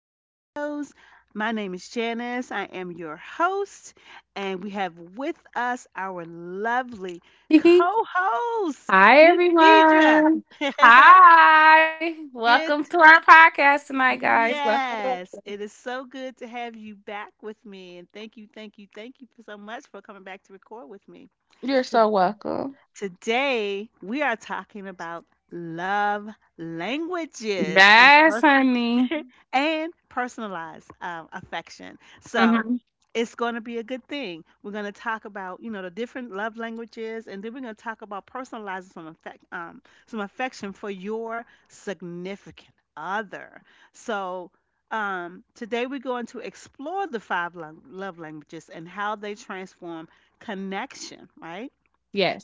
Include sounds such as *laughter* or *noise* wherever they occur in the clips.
Studios. My name is Janice. I am your host, and we have with us our lovely *laughs* co host, Hi, Miss Deidre. everyone. *laughs* Hi. Welcome Good. to our podcast tonight, guys. Welcome. Yes, it is so good to have you back with me. And thank you, thank you, thank you for so much for coming back to record with me. You're To- so welcome. Today, we are talking about love languages and Yes, honey. and personalized affection. So Hmm. it's going to be a good thing. We're going to talk about the different love languages, and then we're going to talk about personalizing some some affection for your significant other. So. Today we're going to explore the love languages and how they transform connection, right?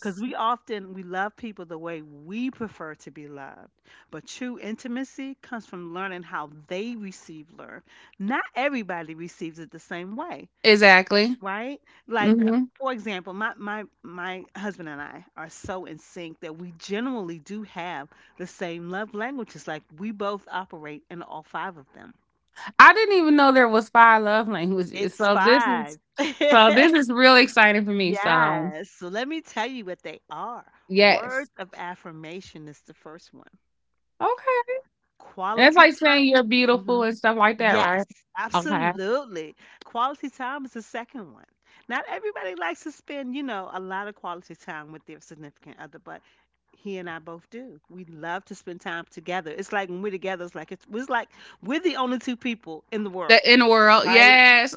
Because we often we love people the way we prefer to be loved, but true intimacy comes from learning how they receive love. Not everybody receives it the same way, exactly. right? Like hmm for example, my husband and I are so in sync that we generally do have the same love languages. Like we both operate in all five of them. I didn't even know there was five love languages. It's So this is five. *laughs* so this is really exciting for me. So Yes. So let me tell you what they are. yes, Words of affirmation is the first one. okay. And it's Quality like saying time. you're beautiful Mhm. and stuff like that, Yes, right? Okay. absolutely. Quality time is the second one. Not everybody likes to spend, you know, a lot of quality time with their significant other, but he and I both do. We love to spend time together. It's like when we're together, it's like it's like we're the only two people in the The world, in world, right? yes.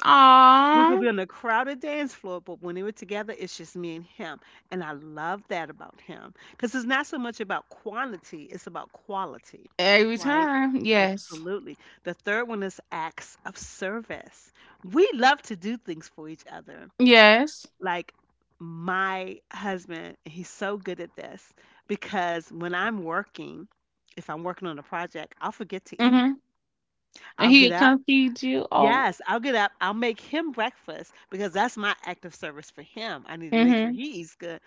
We could Aw, be on a crowded dance floor, but when we were together, it's just me and him. And I love that about him because it's not so much about quantity, it's about quality, every right? time, yes. Absolutely. The third one is acts of service. We love to do things for each other. Yes. Like my husband, he's so good at this because when I'm working, if I'm working on a project, I'll forget to eat. Mhm. And I'll get he'd up, come feed you. Oh. yes, I'll get up. I'll make him breakfast because that's my act of service for him. I need to make sure Mhm. he eats good.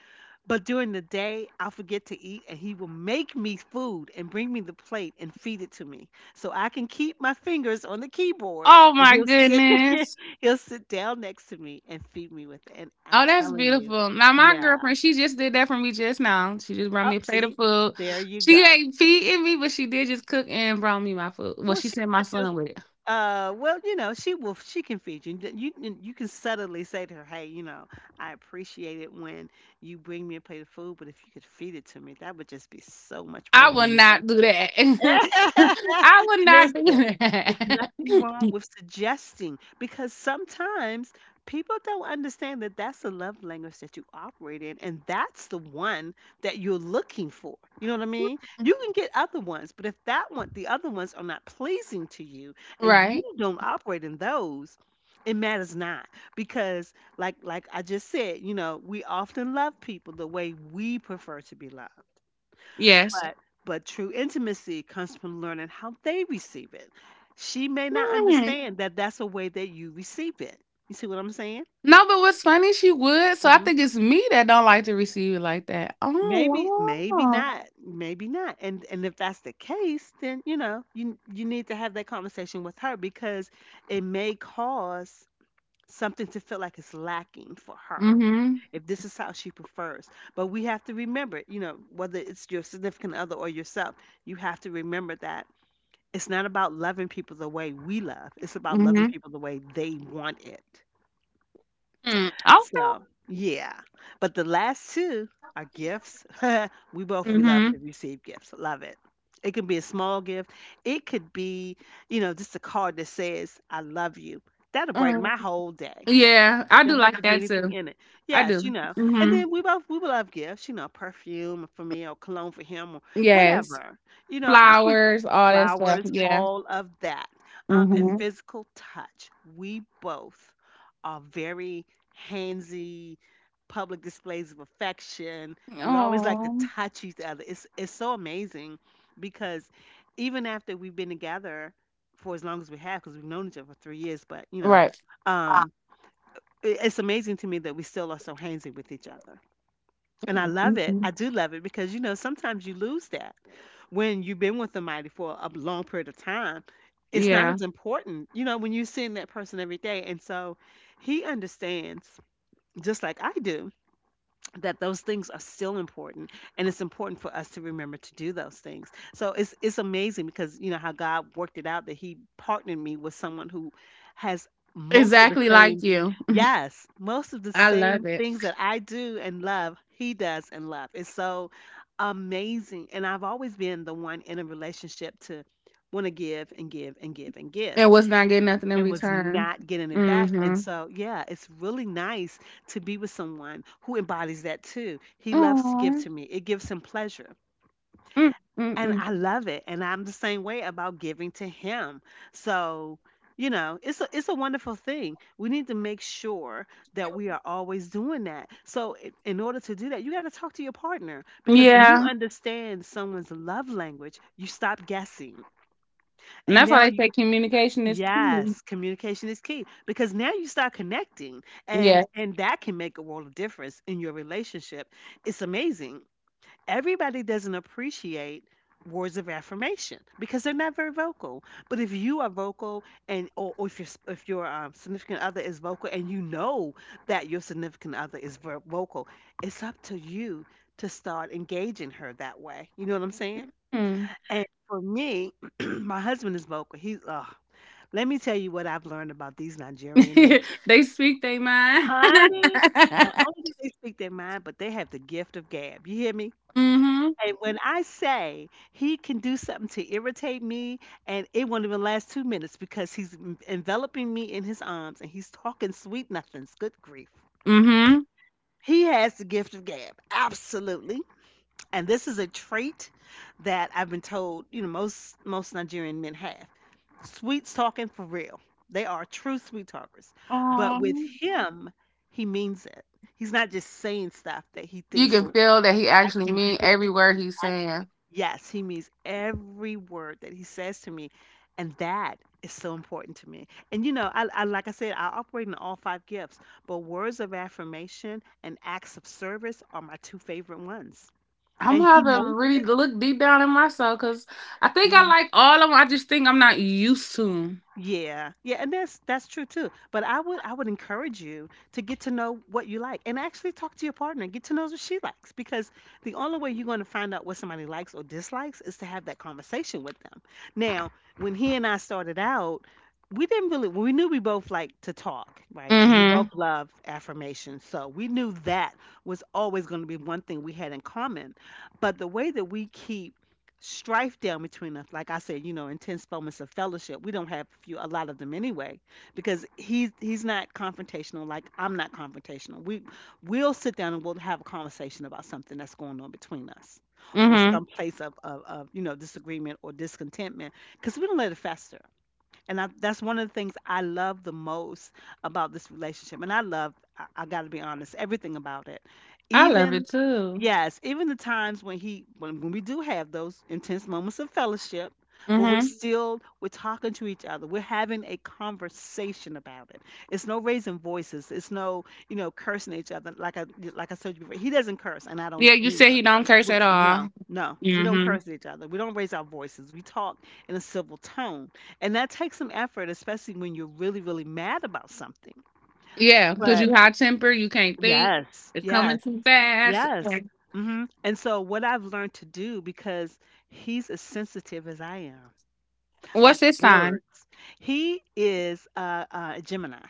But during the day, I'll forget to eat and he will make me food and bring me the plate and feed it to me. So I can keep my fingers on the keyboard, Oh but my he'll sit *laughs* there, goodness. he'll sit down next to me and feed me with it. And I'm Oh, that's telling you, beautiful. Now my yeah. girlfriend, she just did that for me just now. She just brought me a Up, plate of see, food. there you She go. ain't feeding me, but she did just cook and brought me my food. Well, Well, she she sent my got you. son with it. Well, you know, she will. She can feed you. You can subtly say to her, "Hey, you know, I appreciate it when you bring me a plate of food, but if you could feed it to me, that would just be so much more I would not do romantic." that. *laughs* *laughs* I would not do Listen, there's that. nothing *laughs* wrong with suggesting because sometimes people don't understand that that's the love language that you operate in, and that's the one that you're looking for. You know what I mean? You can get other ones, but if that one, the other ones are not pleasing to you and you Right. don't operate in those, it matters not because like I just said, you know, we often love people the way we prefer to be loved. Yes. But true intimacy comes from learning how they receive it. She may not Mm. understand that that's a way that you receive it. You see what I'm saying? No, but what's funny, she would. So I Hmm. think it's me that don't like to receive it like that. Maybe, Oh maybe wow. not, maybe not. And if that's the case, then you know you need to have that conversation with her because it may cause something to feel like it's lacking for her Mm-hmm. if this is how she prefers. But we have to remember, you know, whether it's your significant other or yourself, you have to remember that it's not about loving people the way we love, it's about loving Mhm. people the way they want it. Mm. Okay. So, yeah. But the last two are gifts. *laughs* We love Mhm. to receive gifts. Love it. It can be a small gift. It could be, you know, just a card that says, I love you. That'll brighten Mm. my whole day. Yeah, I do Don't have like to be that anything too. in it. I Yes, you do. know, and Mhm. then we would love gifts, you know, perfume for me or cologne for him or Yes. whatever. You know, I can Flowers, all that stuff. flowers, Yeah. all of that. And Mhm. physical touch. We both are very handsy, public displays of affection. We always like to Oh. touch each other. It's so amazing because even after we've been together for as long as we have, because we've known each other for 3 years, but you know, Right. um it's amazing to me that we still are so handsy with each other. And I love it. I Mm-mm. do love it because, you know, sometimes you lose that when you've been with somebody for a long period of time. It's not Yeah. as important, you know, when you're seeing that person every day. And so he understands, just like I do, that those things are still important and it's important for us to remember to do those things. So it's amazing because you know how God worked it out that he partnered me with someone who has most of the Exactly like same, you. *laughs* yes, most of the I love same it. things that I do and love, he does and love. It's so amazing. And I've always been the one in a relationship to want to give and give and give and give And was not getting nothing in and was return. not getting it back. And Mhm. so, yeah, it's really nice to be with someone who embodies that too. He loves to give Oh. to me, it gives him pleasure. Mm. And Mm-mm. I love it. And I'm the same way about giving to him. So, you know, it's a wonderful thing. We need to make sure that we are always doing that. So, in order to do that, you got to talk to your partner because when you Yeah. understand someone's love language, you stop guessing. And And that's now, why they say communication is key. yes, communication is key because now you start connecting Yeah. and that can make a world of difference in your relationship. It's amazing. Everybody doesn't appreciate words of affirmation because they're not very vocal. But if you are vocal or if your if your significant other is vocal and you know that your significant other is vocal, it's up to you to start engaging her that way. You know what I'm saying? Mm. And for me, *clears throat* my husband is vocal. He's let me tell you what I've learned about these *laughs* Nigerian men. They speak they mind. *laughs* Honey. Not only do they speak their mind, but they have the gift of gab. You hear me? Mhm. And when I say he can do something to irritate me, and it won't even last 2 minutes because he's enveloping me in his arms and he's talking sweet nothings. Good grief. Mhm. He has the gift of gab, absolutely. And this is a trait that I've been told, you know, most Nigerian men have. Sweets talking for real. They are true sweet talkers. But with Um, him, he means it. He's not just saying stuff that he you thinks can will— feel that he I actually can mean feel, every word he's actually. saying. Yes, he means every word that he says to me. And that is so important to me. And you know, I like I said, I operate in all five gifts, but words of affirmation and acts of service are my two favorite ones. I'm And he gonna have to knows really it. look deep down in myself because I think I like all of them. I just think I'm not used to them. Yeah, yeah, and that's true too. But I would encourage you to get to know what you like and actually talk to your partner, get to know what she likes because the only way you're going to find out what somebody likes or dislikes is to have that conversation with them. Now, when he and I started out, we didn't really we knew we both liked to talk, right? And we both Mhm. loved affirmations. So, we knew that was always going to be one thing we had in common. But the way that we keep strife down between us. Like I said, you know, intense moments of fellowship. We don't have a lot of them anyway, because he's not confrontational. Like I'm not confrontational. We'll sit down and we'll have a conversation about something that's going on between us, or Mhm. some place of you know disagreement or discontentment, because we don't let it fester. And that's one of the things I love the most about this relationship. And I got to be honest, everything about it. I love Even, it too. yes, even the times when when we do have those intense moments of fellowship, but we're Mhm. Mhm. still, we're talking to each other. We're having a conversation about it. It's no raising voices. It's no, you know, cursing each other. Like I said before, he doesn't curse and I don't Yeah, you said either. he don't curse We- at all. No, no, we don't Mhm. curse at each other. We don't raise our voices. We talk in a civil tone, and that takes some effort, especially when you're really, really mad about something. Yeah, because But you high temper, you can't think. yes, It's coming Yes, too fast. yes. hmm And so, what I've learned to do, because he's as sensitive as I am, uh, What's his sign? words. He is a Gemini.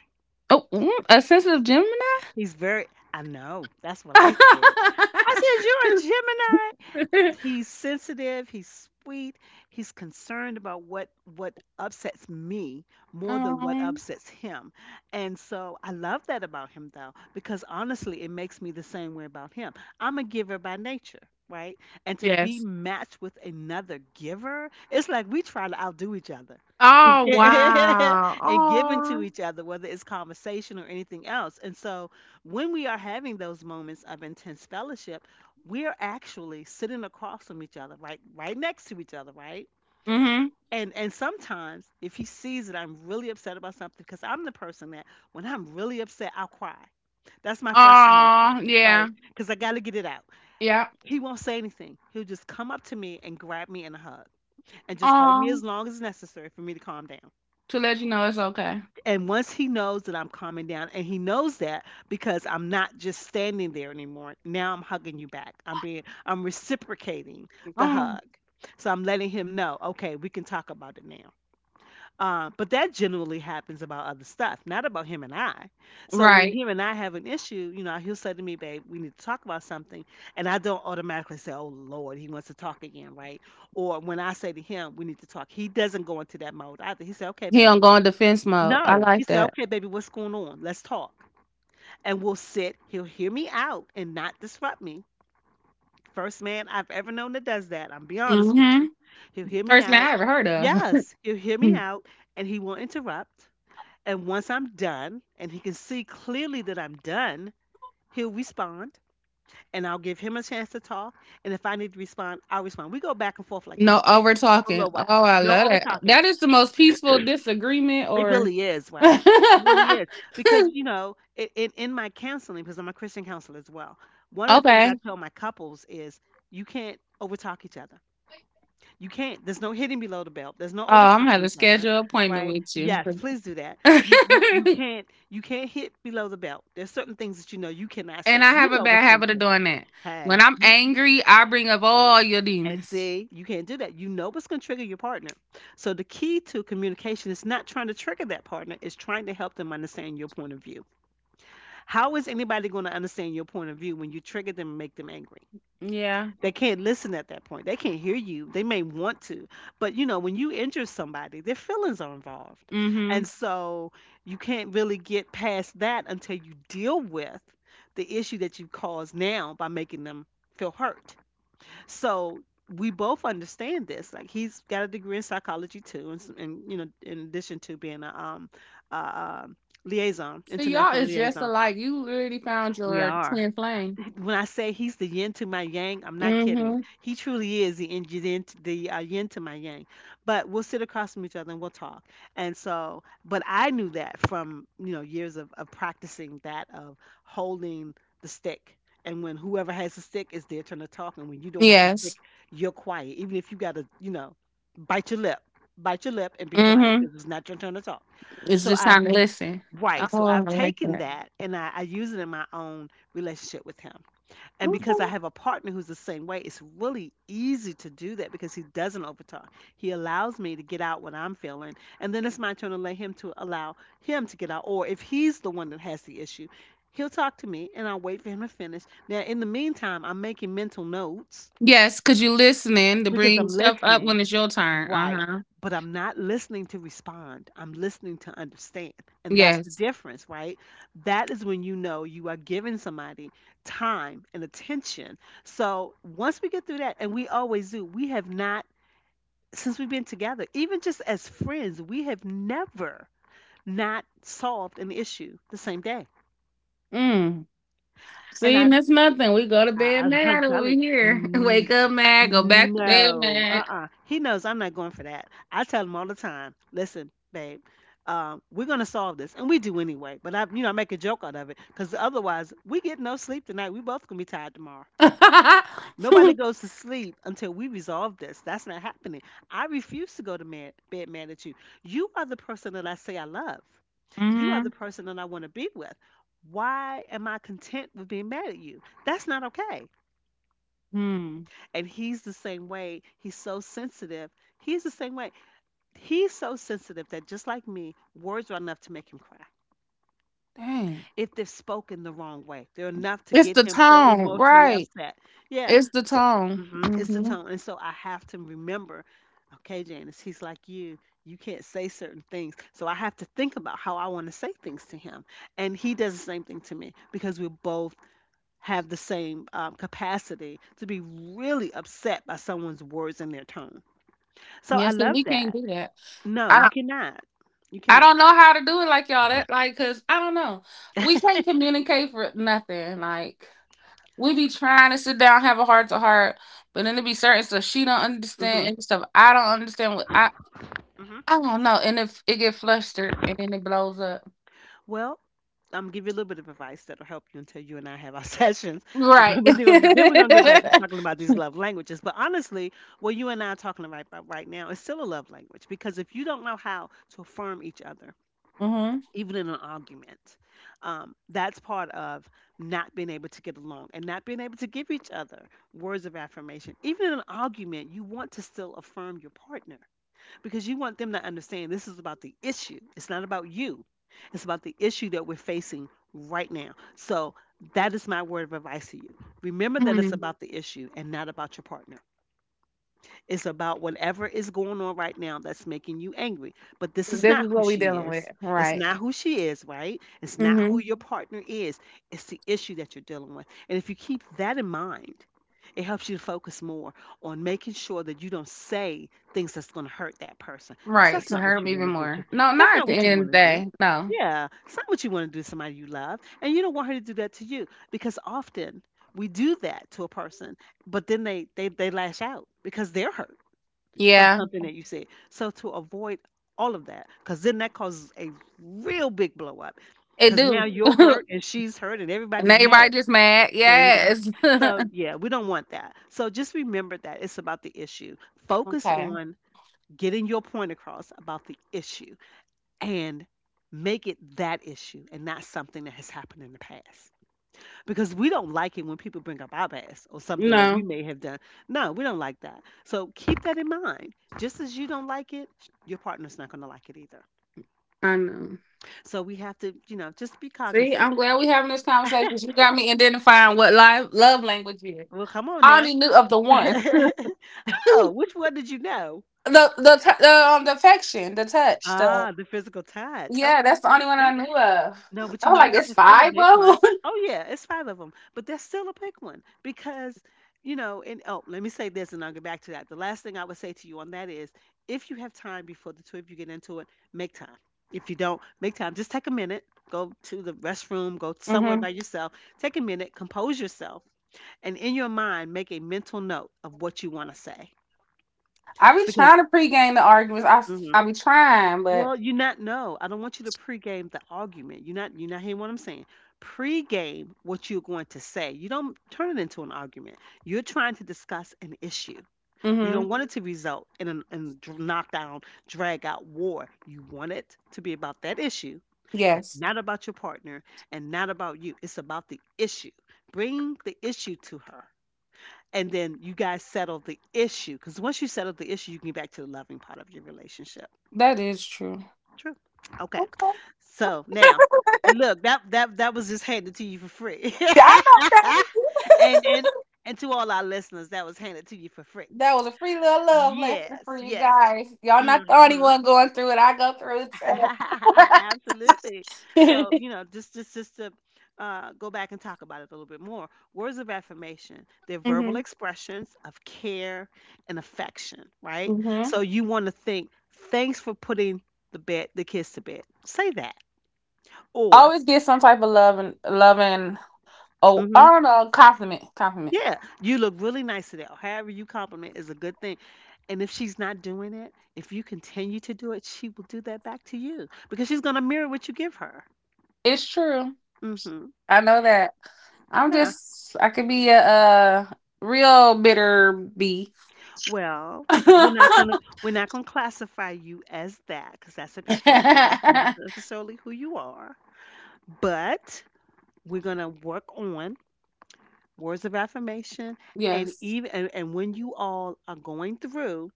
Oh, a sensitive Gemini. He's very, I know, that's what I said. I said, *laughs* "You're a Gemini." He's sensitive, he's sweet, he's concerned about what upsets me more than what Um, upsets him. And so I love that about him, though, because honestly, it makes me the same way about him. I'm a giver by nature, right? And to be yes. matched with another giver, it's like we try to outdo each other Oh, *laughs* wow. and giving to Aw. each other, whether it's conversation or anything else. And so, when we are having those moments of intense fellowship, we're actually sitting across from each other, right, right next to each other, right? Mhm. And sometimes if he sees that I'm really upset about something, because I'm the person that when I'm really upset, I'll cry. That's my first emotion, Oh yeah. right? Because I got to get it out. Yeah. He won't say anything. He'll just come up to me and grab me in a hug and just hold me Oh. as long as necessary for me to calm down. To let you know it's okay. And once he knows that I'm calming down, and he knows that because I'm not just standing there anymore. Now I'm hugging you back. I'm reciprocating the Oh, hug. So I'm letting him know, okay, we can talk about it now. But that generally happens about other stuff, not about him and I. So when right. him and I have an issue, you know, he'll say to me, "Babe, we need to talk about something." And I don't automatically say, "Oh, Lord, he wants to talk again," right? Or when I say to him, "We need to talk," he doesn't go into that mode either. He said, "Okay, He don't baby," go in defense mode. I no. He like said, that. "Okay, baby, what's going on? Let's talk." And we'll sit. He'll hear me out and not disrupt me. First man I've ever known that does that. I'm be honest with Mhm. you. He'll hear me First man out. I ever heard of. Yes, he'll hear me *laughs* out and he won't interrupt. And once I'm done and he can see clearly that I'm done, he'll respond and I'll give him a chance to talk. And if I need to respond, I'll respond. We go back and forth like that No over for a talking. little while. Oh, I No love over that. talking. That is the most peaceful disagreement It or really is, *laughs* okay. right? It really is. Because, in my counseling, because I'm a Christian counselor as well, one of the things I tell my couples is you can't overtalk each other. You can't, There's no hitting below the belt. There's no Oh, I'm gonna have overtalking to each other, schedule an appointment right? with you. Yes, please do that. You *laughs* can't, you can't hit below the belt. There's certain things that you know you cannot And say. I You have a know bad what's going habit to of take. doing that. Hey, When I'm angry, I bring up all your and demons. see, you can't do that. You know what's going to trigger your partner. So the key to communication is not trying to trigger that partner, it's trying to help them understand your point of view. How is anybody going to understand your point of view when you trigger them and make them angry? Yeah. They can't listen at that point. They can't hear you. They may want to, but you know, when you injure somebody, their feelings are involved. And Mm-hmm. so you can't really get past that until you deal with the issue that you caused now by making them feel hurt. So we both understand this. Like, he's got a degree in psychology too, and you know, in addition to being a uh, liaison, So y'all international is just liaison, alike. You really found we your are, twin flame. when I say he's the yin to my yang, I'm not kidding. Mm-hmm. He truly is the yin to the, yin to my yang. But we'll sit across from each other and we'll talk. And so, but I knew that from, you know, years of practicing that, of holding the stick. And when whoever has the stick, it's their turn to talk. And when you don't have the stick, Yes. you're quiet. Even if you gotta, you know, bite your lip, bite your lip and be quiet Mm-hmm. because it's not your turn to talk. It's So just I've time to listen. Right. So Oh, I I've like taken that. that and I use it in my own relationship with him. And because I Okay. have a partner who's the same way, it's really easy to do that because he doesn't overtalk. He allows me to get out what I'm feeling. And then it's my turn to let him to allow him to get out. Or if he's the one that has the issue, he'll talk to me and I'll wait for him to finish. Now, in the meantime, I'm making mental notes Yes, because you're listening to because bring I'm stuff up listening, when it's your turn. right? Uh-huh. But I'm not listening to respond. I'm listening to understand. And that's the Yes. difference, right? That is when you know you are giving somebody time and attention. So once we get through that, and we always do, we have not, since we've been together, even just as friends, we have never not solved an issue the same day. Mm. And See, I, and that's nothing. We go to bed *laughs* I'm mad over telling here. *laughs* you, Wake up mad, go back to bed no, mad. uh-uh. He knows I'm not going for that. I tell him all the time, "Listen, babe, we're gonna solve this," and we do anyway. But I, you know, I make a joke out of it because otherwise, we get no sleep tonight. We both gonna be tired tomorrow. *laughs* Mm-hmm. Nobody goes to sleep until we resolve this. That's not happening. I refuse to go to bed mad at you. You are the person that I say I love. You are the person that I want to be with. Why am I content with being mad at you? That's not okay. Hmm. And he's the same way. He's so sensitive. He's the same way. He's so sensitive that, just like me, words are enough to make him cry. Dang. If they're spoken the wrong way, they're enough to It's get the him so tone, emotionally right? upset. Yeah. It's the So, tone. mhm, it's the Hmm. tone. And so I have to remember, okay, Janice, he's like you. You can't say certain things. So I have to think about how I want to say things to him. And he does the same thing to me because we're both have the same capacity to be really upset by someone's words and their tone. So I Yes, and love we can't that. do that. No, you I cannot. You I cannot. don't know how to do it like y'all. That like, cause I don't know. We *laughs* can't communicate for nothing. Like we be trying to sit down, have a heart to heart, but then it be certain stuff she don't hmm understand and stuff I don't understand. What hmm I don't know, and if it get flustered and then it blows up, Well, I'm gonna give you a little bit of advice that'll help you until you and I have our *laughs* sessions. *laughs* right? But then we're *laughs* gonna get back to talking about these love languages. But honestly, what you and I are talking about right now is still a love language because if you don't know how to affirm each other, Mm-hmm. even in an argument. That's part of not being able to get along and not being able to give each other words of affirmation. Even in an argument, you want to still affirm your partner because you want them to understand this is about the issue. It's not about you, it's about the issue that we're facing right now. So, that is my word of advice to you. Remember that it's about the issue and not about your partner. It's about whatever is going on right now that's making you angry. But this is This not is who what we she dealing with, is. It's right? not who she is, right? It's not who your partner is. It's the issue that you're dealing with. And if you keep that in mind, it helps you to focus more on making sure that you don't say things that's going to hurt that person because Right, to hurt them even more. No, that's not at not the what end you of want the to do. day. No. Yeah, it's not what you want to do to somebody you love, and you don't want her to do that to you. Because often we do that to a person, but then they lash out because they're hurt by Yeah, something that you said. So to avoid all of that, because then that causes a real big blow up, it because now do. *laughs* you're And hurt and she's hurt and everybody's everybody mad. just mad. There you go. Yes. *laughs* So yeah, we don't want that. So just remember that it's about the issue. Focus Okay. on getting your point across about the issue, and make it that issue and not something that has happened in the past, because we don't like it when people bring up our past or something that we No, may have done. No, we don't like that. So keep that in mind. Just as you don't like it, your partner's not going to like it either. I know. So we have to, just be See, cognizant. I'm glad we having this conversation *laughs* because you got me identifying what life, love language is. Well, come on I now. only knew of the one. *laughs* *laughs* oh, the which one did you know? the affection, the touch, the Ah, the physical touch. yeah, Okay. that's the only one I that's. knew of. No, but you I'm know like, what? it's It's still a five big one. of them. Oh yeah, it's five of them, but that's still a big one because. Let me say this, and I'll get back to that. The last thing I would say to you on that is, if you have time before the trip, you get into it, make time. If you don't, make time. Just take a minute, go to the restroom, go *laughs* somewhere hmm by yourself, take a minute, compose yourself, and in your mind, make a mental note of what you want to say I be because. trying to pregame the arguments. I mhm, I be trying, but Well, you not know. I don't want you to pregame the argument. You not hearing what I'm saying. Pregame what you're going to say. You don't turn it into an argument. You're trying to discuss an issue. You don't Hmm. want it to result in a knockdown, drag out war. You want it to be about that issue and Yes. not about your partner and not about you. It's about the issue. Bring the issue to her. And then you guys settle the issue. Because once you settle the issue, you can get back to the loving part of your relationship. That is true. True. Okay. Okay. So now, and look, that was just handed to you for free. Yeah, I know. Thank you. *laughs* and *laughs* and and to all our listeners, that was handed to you for free. That was a free little love lesson Yes, for you yes. guys. Y'all not the only hmm one going through it. I go through it *laughs* Absolutely. too. So, you know, just to go back and talk about it a little bit more. Words of affirmation, they're *laughs* verbal hmm expressions of care and affection, right? hmm So you want to think, thanks for putting the kids to bed. Say that. Or, Always get some type of love and love and oh, I "Mm-hmm, don't know, compliment, compliment. yeah, you look really nice today." Or however you compliment is a good thing. And if she's not doing it, if you continue to do it, she will do that back to you because she's gonna mirror what you give her. It's true. Hmm I know that. Yeah. I could be a real bitter bee. Well, we're not gonna *laughs* we're not gonna classify you as that because that's a behavior. That's not necessarily who you are. But we're gonna work on words of affirmation and Yes. even and when you all are going through,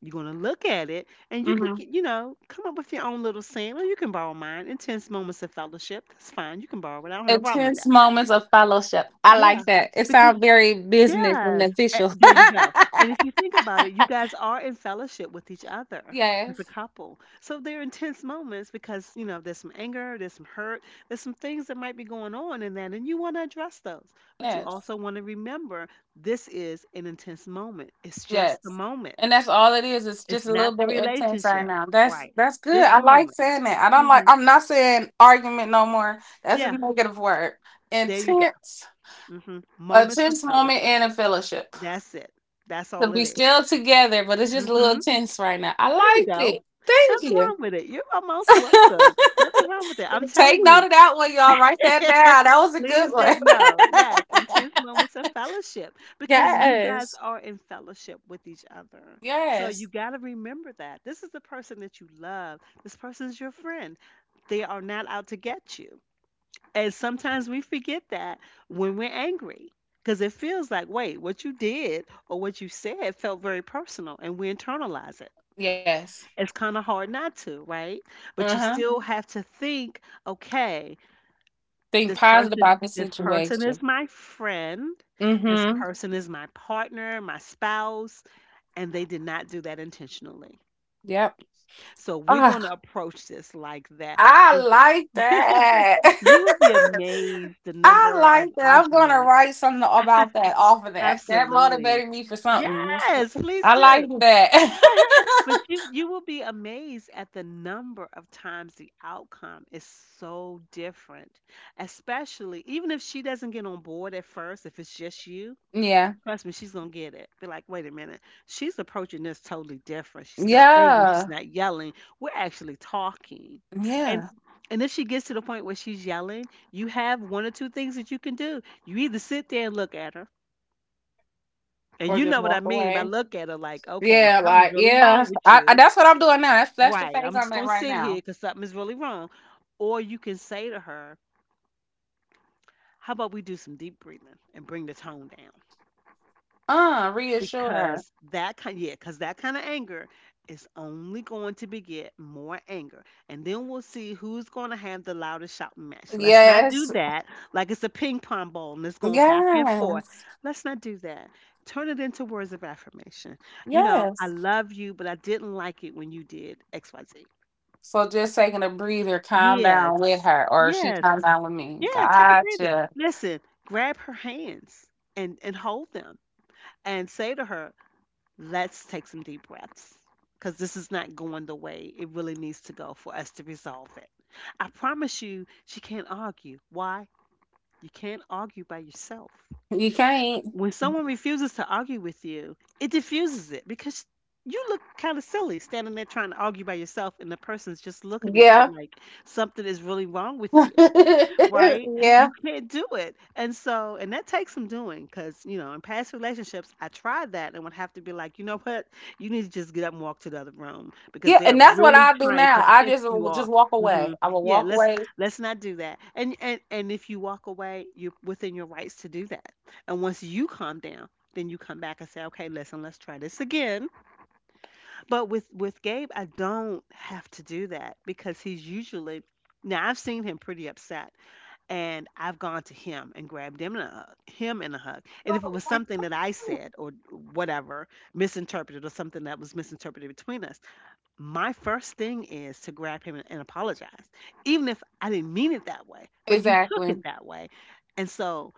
you're gonna look at it, and you can, come up with your own little saying, or you can borrow mine. Intense moments of fellowship. That's fine. You can borrow it. I don't have no problem with Intense that. moments of fellowship. I like Yeah, that. It because sounds very business and yes, official. there you go. And if you think about it, you guys are in fellowship with each *laughs* other as a Yes. couple. So there are intense moments because you know there's some anger, there's some hurt, there's some things that might be going on in that, and you want to address those. But you Yes. also want to remember, this is an intense moment. It's just a Yes. moment. And that's all it is. It's It's just a little not the bit of intense right relationship. now. That's Right. that's good. Just I a like moment. saying that. I don't like Hmm I'm not saying argument no more. That's a Yeah, negative word. there you go. Intense. Hmm A Moments of tense moment fellowship. and a fellowship. That's it. That's So all it we is. still together, but it's just a Mm-hmm. little tense right now. I There you like go. it. Thank Nothing you. wrong with it. You're most welcome. *laughs* Nothing wrong with it. I'm Take telling note you. of that one, y'all. Write that down. *laughs* That was a good Please one. take note. Yes, intense *laughs* moments of fellowship because you guys Yes. are in fellowship with each other. So you Yes. got to remember that. This is the person that you love. This person's your friend. They are not out to get you. And sometimes we forget that when we're angry because it feels like, wait, what you did or what you said felt very personal and we internalize it. Yes. It's kind of hard not to, right? Uh But you huh. still have to think, okay, Think this positive person about the this person situation. is my friend, Mm this hmm. person is my partner, my spouse, and they did not do that intentionally. Yep. So we're going Ah, to approach this like that. I It- like that. *laughs* you would be *laughs* amazed the I number like of that. I'm gonna arguments. write something about that off of that. That Absolutely. motivated me for something. Yes, please I do. like that. *laughs* But *laughs* you will be amazed at the number of times the outcome is so different. Especially even if she doesn't get on board at first, if it's just you, Yeah. trust me, she's gonna get it. Be like, wait a minute, she's approaching this totally different. She's not angry, she's Yeah. not yelling. We're actually talking. And Yeah. and if she gets to the point where she's yelling, you have one or two things that you can do. You either sit there and look at her, and Or you just know what I walk mean by away. look at her like, okay, Yeah, something's like really yeah, wrong with I you. that's what I'm doing now. That's the Right. phase I'm just I'm at going to right sit here now. because something is really wrong. Or you can say to her, how about we do some deep breathing and bring the tone down? Reassure her. Because that kind of anger is only going to beget more anger, and then we'll see who's going to have the loudest shouting match. Let's not Yes, do that. Like it's a ping pong ball and it's going back and forth, yes, let's not do that. Turn it into words of affirmation. You know, I yes. love you, but I didn't like it when you did XYZ. So just taking a breather, calm down with Yes, her, or she yes, calm down with me. yeah. Take a breather, Gotcha. listen, grab her hands, and hold them and say to her, "Let's take some deep breaths because this is not going the way it really needs to go for us to resolve it." I promise you, she can't argue. Why? You can't argue by yourself. You can't. When someone refuses to argue with you, it diffuses it because you look kind of silly standing there trying to argue by yourself, and the person's just looking at Yeah, you like something is really wrong with you, *laughs* right? You yeah, can't do it. And so, and that takes some doing because, you know, in past relationships, I tried that and would have to be like, you know what? You need to just get up and walk to the other room because yeah. they're And that's what really I do trying to now. I piss just you will off. just walk Hmm away. I will Yeah, walk away. let's not do that. And if you walk away, you're within your rights to do that. And once you calm down, then you come back and say, okay, listen, let's try this again. But with Gabe, I don't have to do that because he's usually, now I've seen him pretty upset, and I've gone to him and grabbed him in a hug, And if it was something that I said or whatever misinterpreted, or something that was misinterpreted between us, my first thing is to grab him and apologize, even if I didn't mean it that way, but you took Exactly. it that way. And so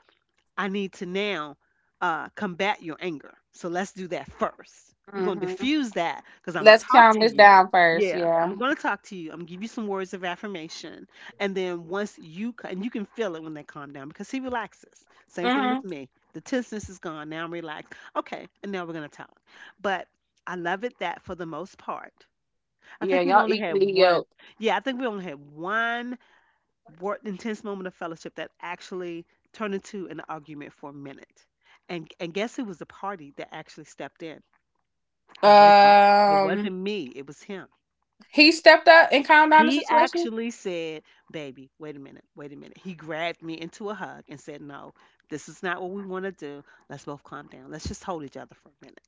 I need to now combat your anger. So let's do that first. We're going to hmm diffuse that because I'm going Let's to talk calm to this you. down first. Yeah, Yeah. I'm going to talk to you. I'm going to give you some words of affirmation. And then once you, and you can feel it when they calm down because he relaxes. Same thing with hmm me. The tenseness is gone. Now I'm relaxed. Okay, and now we're going to talk. But I love it that for the most part, I Yeah, think we've y'all only had equally one. yoked. Yeah, I think we only had one intense moment of fellowship that actually turned into an argument for a minute. And guess who was the party that actually stepped in? It wasn't it Um, wasn't me, it was him. he stepped up and calmed down the He situation. actually said, "Baby, wait a minute. Wait a minute." He grabbed me into a hug and said, "No, this is not what we want to do. Let's both calm down. Let's just hold each other for a minute."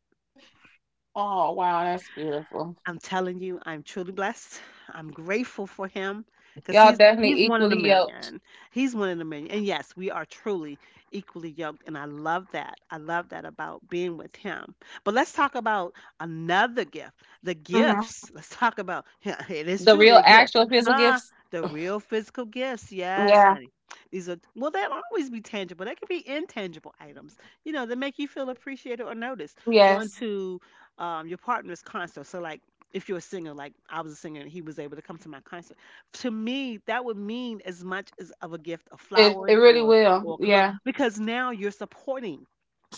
Oh wow, that's beautiful. I'm telling you, I'm truly blessed. I'm grateful for him because Y'all he's definitely one in a equally yoked. million. He's one in a million. And yes, we are truly equally yoked, and I love that. I love that about being with him. But let's talk about another gift, the hmm gifts. Let's talk about, *laughs* it The is real, truly a actual gift, physical huh? gifts. The real physical gifts, yes, Yeah. honey. These are, well, they'll always be tangible. They can be intangible items, you know, that make you feel appreciated or noticed. Going Yes. to your partner's concert. So like if you're a singer, like I was a singer, and he was able to come to my concert, to me that would mean as much as of a gift of It flowers really will. or cologne Yeah. because now you're supporting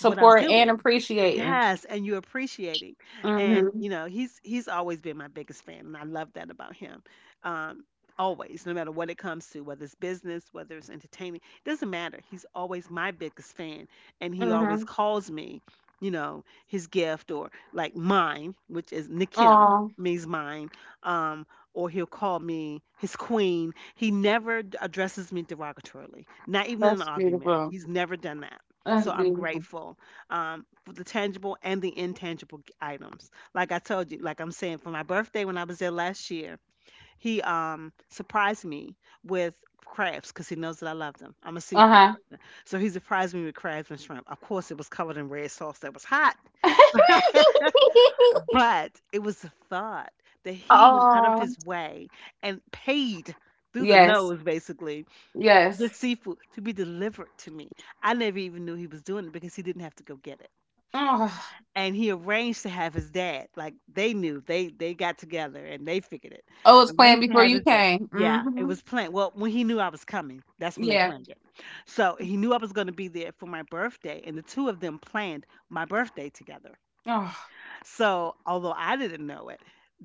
what I'm and doing. appreciating. Yes, and you're appreciating. And Mhm. you know, he's always been my biggest fan, and I love that about him. Um, Always, no matter what it comes to, whether it's business, whether it's entertaining, it doesn't matter. He's always my biggest fan, and he always Mhm. calls me, you know, his gift or like mine, which is Nikim, Oh, means mine. Um, or he'll call me his queen. He never addresses me derogatorily, not even in an that's argument. beautiful. He's never done that, so That's I'm beautiful. grateful for the tangible and the intangible items. Like I told you, like I'm saying, for my birthday when I was there last year, he surprised me with crabs because he knows that I love them. I'm a seafood Uh person, so he surprised me with crabs and shrimp. Of course, it was covered in red sauce that was hot, huh. *laughs* *laughs* but it was the thought that he went out of Oh. his way and paid through the Yes. nose, basically, for Yes. this seafood to be delivered to me. I never even knew he was doing it because he didn't have to go get it, Oh. and he arranged to have his dad. Like they knew, they got together and they figured it. Oh, it's planned Arranged to before have you his dad. came. Yeah, it Mhm. was planned. Well, when he knew I was coming, that's when they Yeah. planned it. So he knew I was going to be there for my birthday, and the two of them planned my birthday together. Oh. So although I didn't know it.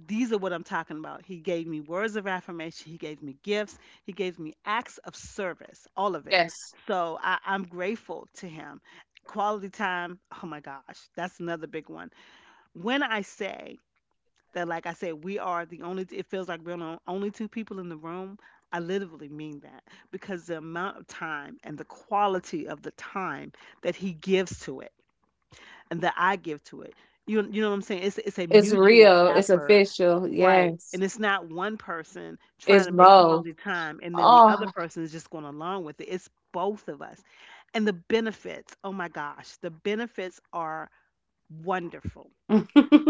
These are what I'm talking about. He gave me words of affirmation. He gave me gifts. He gave me acts of service, all of it. Yes. So I'm grateful to him. Quality time, oh my gosh, that's another big one when I say that, like I said, we are the only, it feels like we're the only two people in the room, I literally mean that because the amount of time and the quality of the time that he gives to it and that I give to it. You know what I'm saying? It's a It's mutual real. It's effort, official. right? Yes. And it's not one person It's trying to make both. quality time and then the other Oh. person is just going along with it. It's both of us. And the benefits, oh my gosh, the benefits are wonderful. *laughs* Oh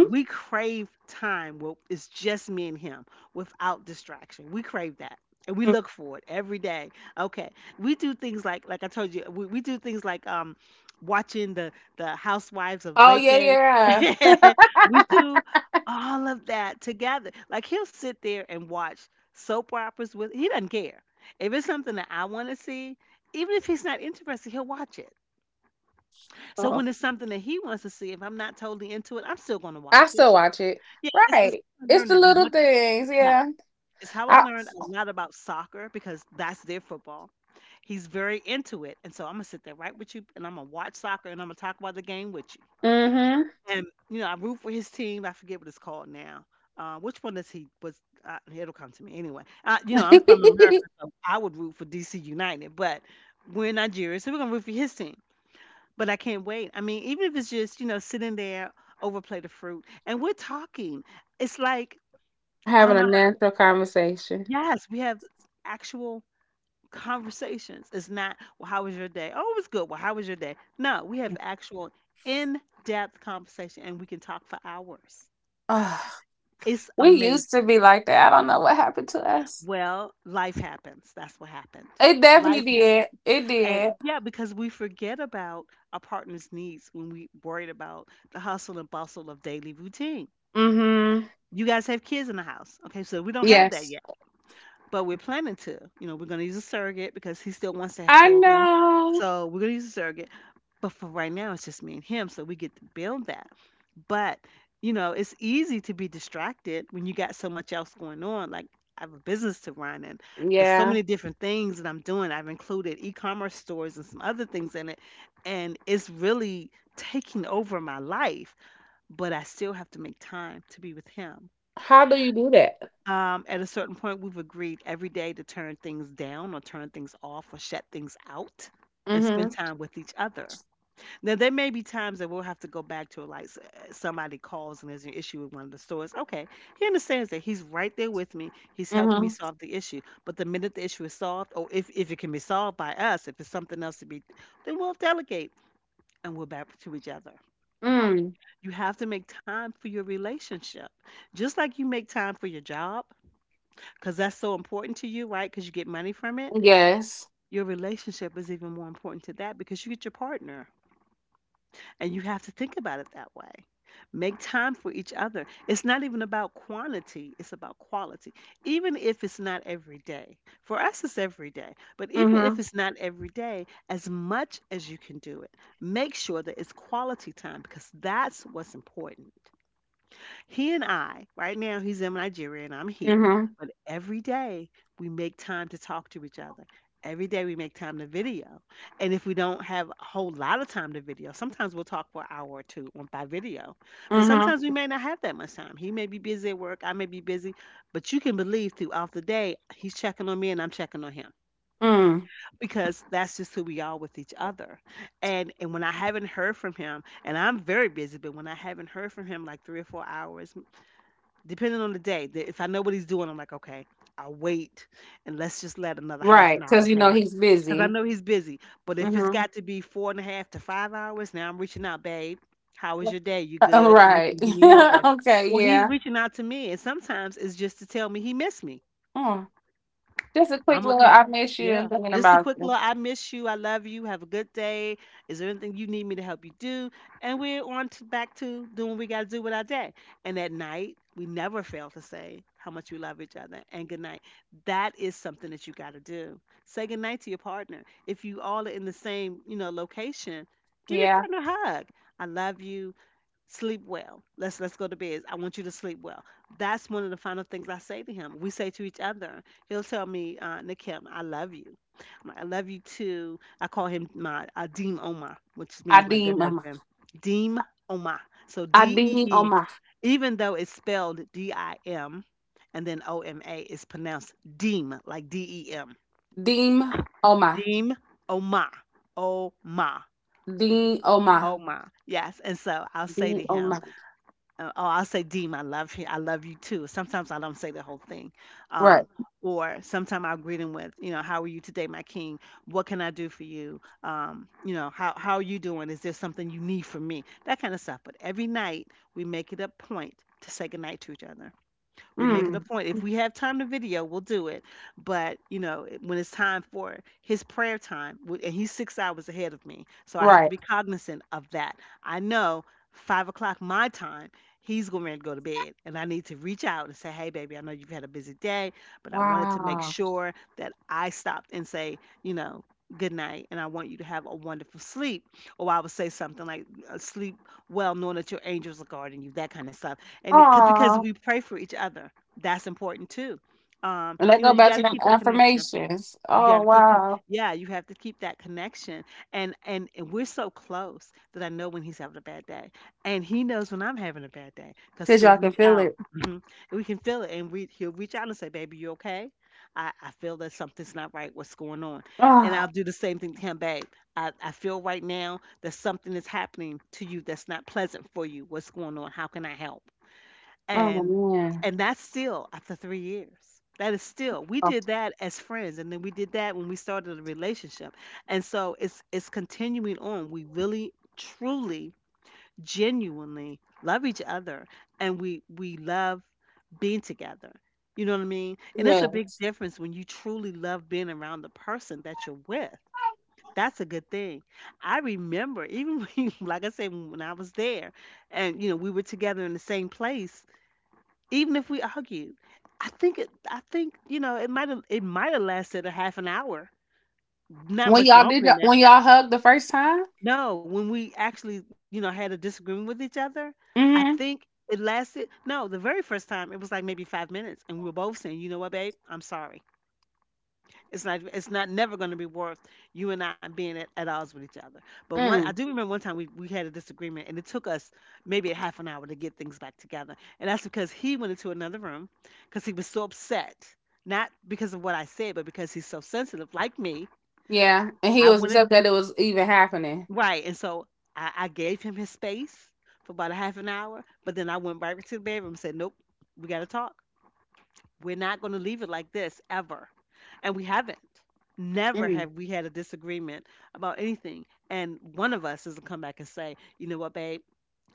We crave time where it's just me and him without distraction. We crave that. And we look for it every day. Okay. We do things like I told you, we do things like watching the housewives of yeah, Lake. *laughs* yeah. We do all of that together. Like he'll sit there and watch soap operas with, he doesn't care. If it's something that I want to see, even if he's not interested, he'll watch it. So Oh. when it's something that he wants to see, if I'm not totally into it, I'm still going to I watch it. still watch it. Yeah, it's Right. I It's learned the as much. little things, Yeah, yeah. it's how I I learned a lot about soccer because that's their football. He's very into it, and so I'm gonna sit there right with you, and I'm gonna watch soccer, and I'm gonna talk about the game with you. Mm-hmm. And you know, I root for his team. I forget what it's called now. Which one is he? Was It'll come to me anyway. You know, I'm from America, *laughs* so I would root for DC United, but we're in Nigeria, so we're gonna root for his team. But I can't wait. I mean, even if it's just, you know, sitting there, overplay the fruit, and we're talking. It's like, I don't Having a know. natural conversation. Yes, we have actual conversations. It's not, well, how was your day? Oh, it was good. Well, how was your day? No, we have actual in-depth conversation and we can talk for hours. Ugh. It's We used to amazing. be like that. I don't know what happened to us. Well, life happens. That's what happened. It definitely Life did. happened. It And did. yeah, because we forget about our partner's needs when we worried about the hustle and bustle of daily routine. Mm-hmm. You guys have kids in the house. Okay, so we don't have that Yes. yet, but we're planning to. You know, we're going to use a surrogate because he still wants to have I children. know. So we're going to use a surrogate. But for right now, it's just me and him. So we get to build that. But, you know, it's easy to be distracted when you got so much else going on. Like, I have a business to run, and there's so Yeah. many different things that I'm doing. I've included e commerce stores and some other things in it. And it's really taking over my life, but I still have to make time to be with him. How do you do that? At a certain point, we've agreed every day to turn things down or turn things off or shut things out and spend Mm-hmm. time with each other. Now, there may be times that we'll have to go back to like somebody calls and there's an issue with one of the stores. Okay, he understands that he's right there with me. He's helping me Mm-hmm. solve the issue. But the minute the issue is solved, or if it can be solved by us, if it's something else to be, then we'll delegate and we're back to each other. Mm. You have to make time for your relationship. Just like you make time for your job, because that's so important to you, right? Because you get money from it. Yes. Your relationship is even more important to that because you get your partner and you have to think about it that way. Make time for each other. It's not even about quantity, it's about quality. Even if it's not every day, for us, it's every day, but even if Mhm. it's not every day, as much as you can do it, make sure that it's quality time because that's what's important. He and I, right now, he's in Nigeria and I'm here, Mhm. but every day we make time to talk to each other. Every day we make time to video. And if we don't have a whole lot of time to video, sometimes we'll talk for an hour or two on by video. But Mhm. sometimes we may not have that much time. He may be busy at work, I may be busy, but you can believe throughout the day he's checking on me and I'm checking on him Mm. because that's just who we are with each other. And when I haven't heard from him, and I'm very busy, but when I haven't heard from him like 3 or 4 hours, depending on the day. That If I know what he's doing, I'm like, okay, I'll wait and let's just let another half Right, an cuz hour you know pass he's because I busy. know he's busy. But if it's Mhm. got to be four and a half to 5 hours, now I'm reaching out, babe. How was your day? You Uh, good? right. Anything you need help *laughs* with? Okay, Or he's yeah. reaching out to me, and sometimes it's just to tell me he missed me. Mm. Just a quick I'm little okay. I miss you Yeah. and thinking Just a about quick little you. I miss you. I love you. Have a good day. Is there anything you need me to help you do? And we're on to back to doing what we got to do with our day. And at night, we never fail to say how much we love each other and good night. That is something that you got to do. Say good night to your partner. If you all are in the same, you know, location, give your Yeah. partner a hug. I love you, sleep well. Let's go to bed, I want you to sleep well. That's one of the final things I say to him, we say to each other. He'll tell me, Nikim, I love you. I'm like, I love you too. I call him my deem oma, which means my good Adim, Oma. husband. Deem oma. So Adim, d-e-e, Oma. even though it's spelled d-i-m, and then o-m-a. It's pronounced deem, like d-e-m. Deem Oma. Deem oma. Oma. Deem Oma. Oma, yes. And so I'll say Deem to him, Oma. Oh, I'll say, Deem, I love you. I love you too. Sometimes I don't say the whole thing. Um, Right. or sometimes I'll greet him with, you know, how are you today, my king? What can I do for you? You know, how are you doing? Is there something you need from me? That kind of stuff. But every night we make it a point to say goodnight to each other. We make it a Mm. point. If we have time to video, we'll do it. But you know, when it's time for his prayer time, and he's 6 hours ahead of me, so I have to Right. be cognizant of that. I know 5 o'clock my time, he's going to go to bed, and I need to reach out and say, "Hey, baby, I know you've had a busy day, but I wanted to make Wow. sure that I stopped and say, you know." Good night, and I want you to have a wonderful sleep. Or I would say something like, "Sleep well, knowing that your angels are guarding you." That kind of stuff, and it, because Oh. we pray for each other, that's important too. And that go You know, back you to got to them keep the connection. affirmations. You got Oh to keep, wow. yeah, you have to keep that connection. And we're so close that I know when he's having a bad day, and he knows when I'm having a bad day because Cause he'll y'all can reach feel out. it. Mhm. And we can feel it, and we he'll reach out and say, "Baby, you okay? I feel that something's not right. What's going on?" And I'll Oh. do the same thing to him, babe. I feel right now that something is happening to you that's not pleasant for you. What's going on? How can I help? Oh and man. and that's still after 3 years. That is still — we Oh did that as friends, and then we did that when we started a relationship, and so it's continuing on. We really truly genuinely love each other, and we love being together, you know what I mean? And it's yeah. a big difference when you truly love being around the person that you're with. That's a good thing. I remember even *laughs* when, like I said, when I was there and you know we were together in the same place, even if we argued, I think, you know, it might have lasted a half an hour, not When much y'all longer did that- than that. when y'all hugged the first time? No, when we actually, you know, had a disagreement with each other, I Mm-hmm. think it lasted. No, the very first time it was like maybe 5 minutes, and we were both saying, "You know what, babe? I'm sorry." It's not never going to be worth you and I being at odds with each other. But one — I Mm. do remember one time we had a disagreement, and it took us maybe a half an hour to get things back together. And that's because he went into another room because he was so upset. Not because of what I said, but because he's so sensitive, like me. Yeah. And he I was went in, upset that it was even happening. right. And so I gave him his space for about a half an hour, but then I went right to the bedroom and said, "Nope, we gotta talk. We're not going to leave it like this ever." And we haven't. Never Mm. have we had a disagreement about anything. And one of us is going to come back and say, you know what, babe,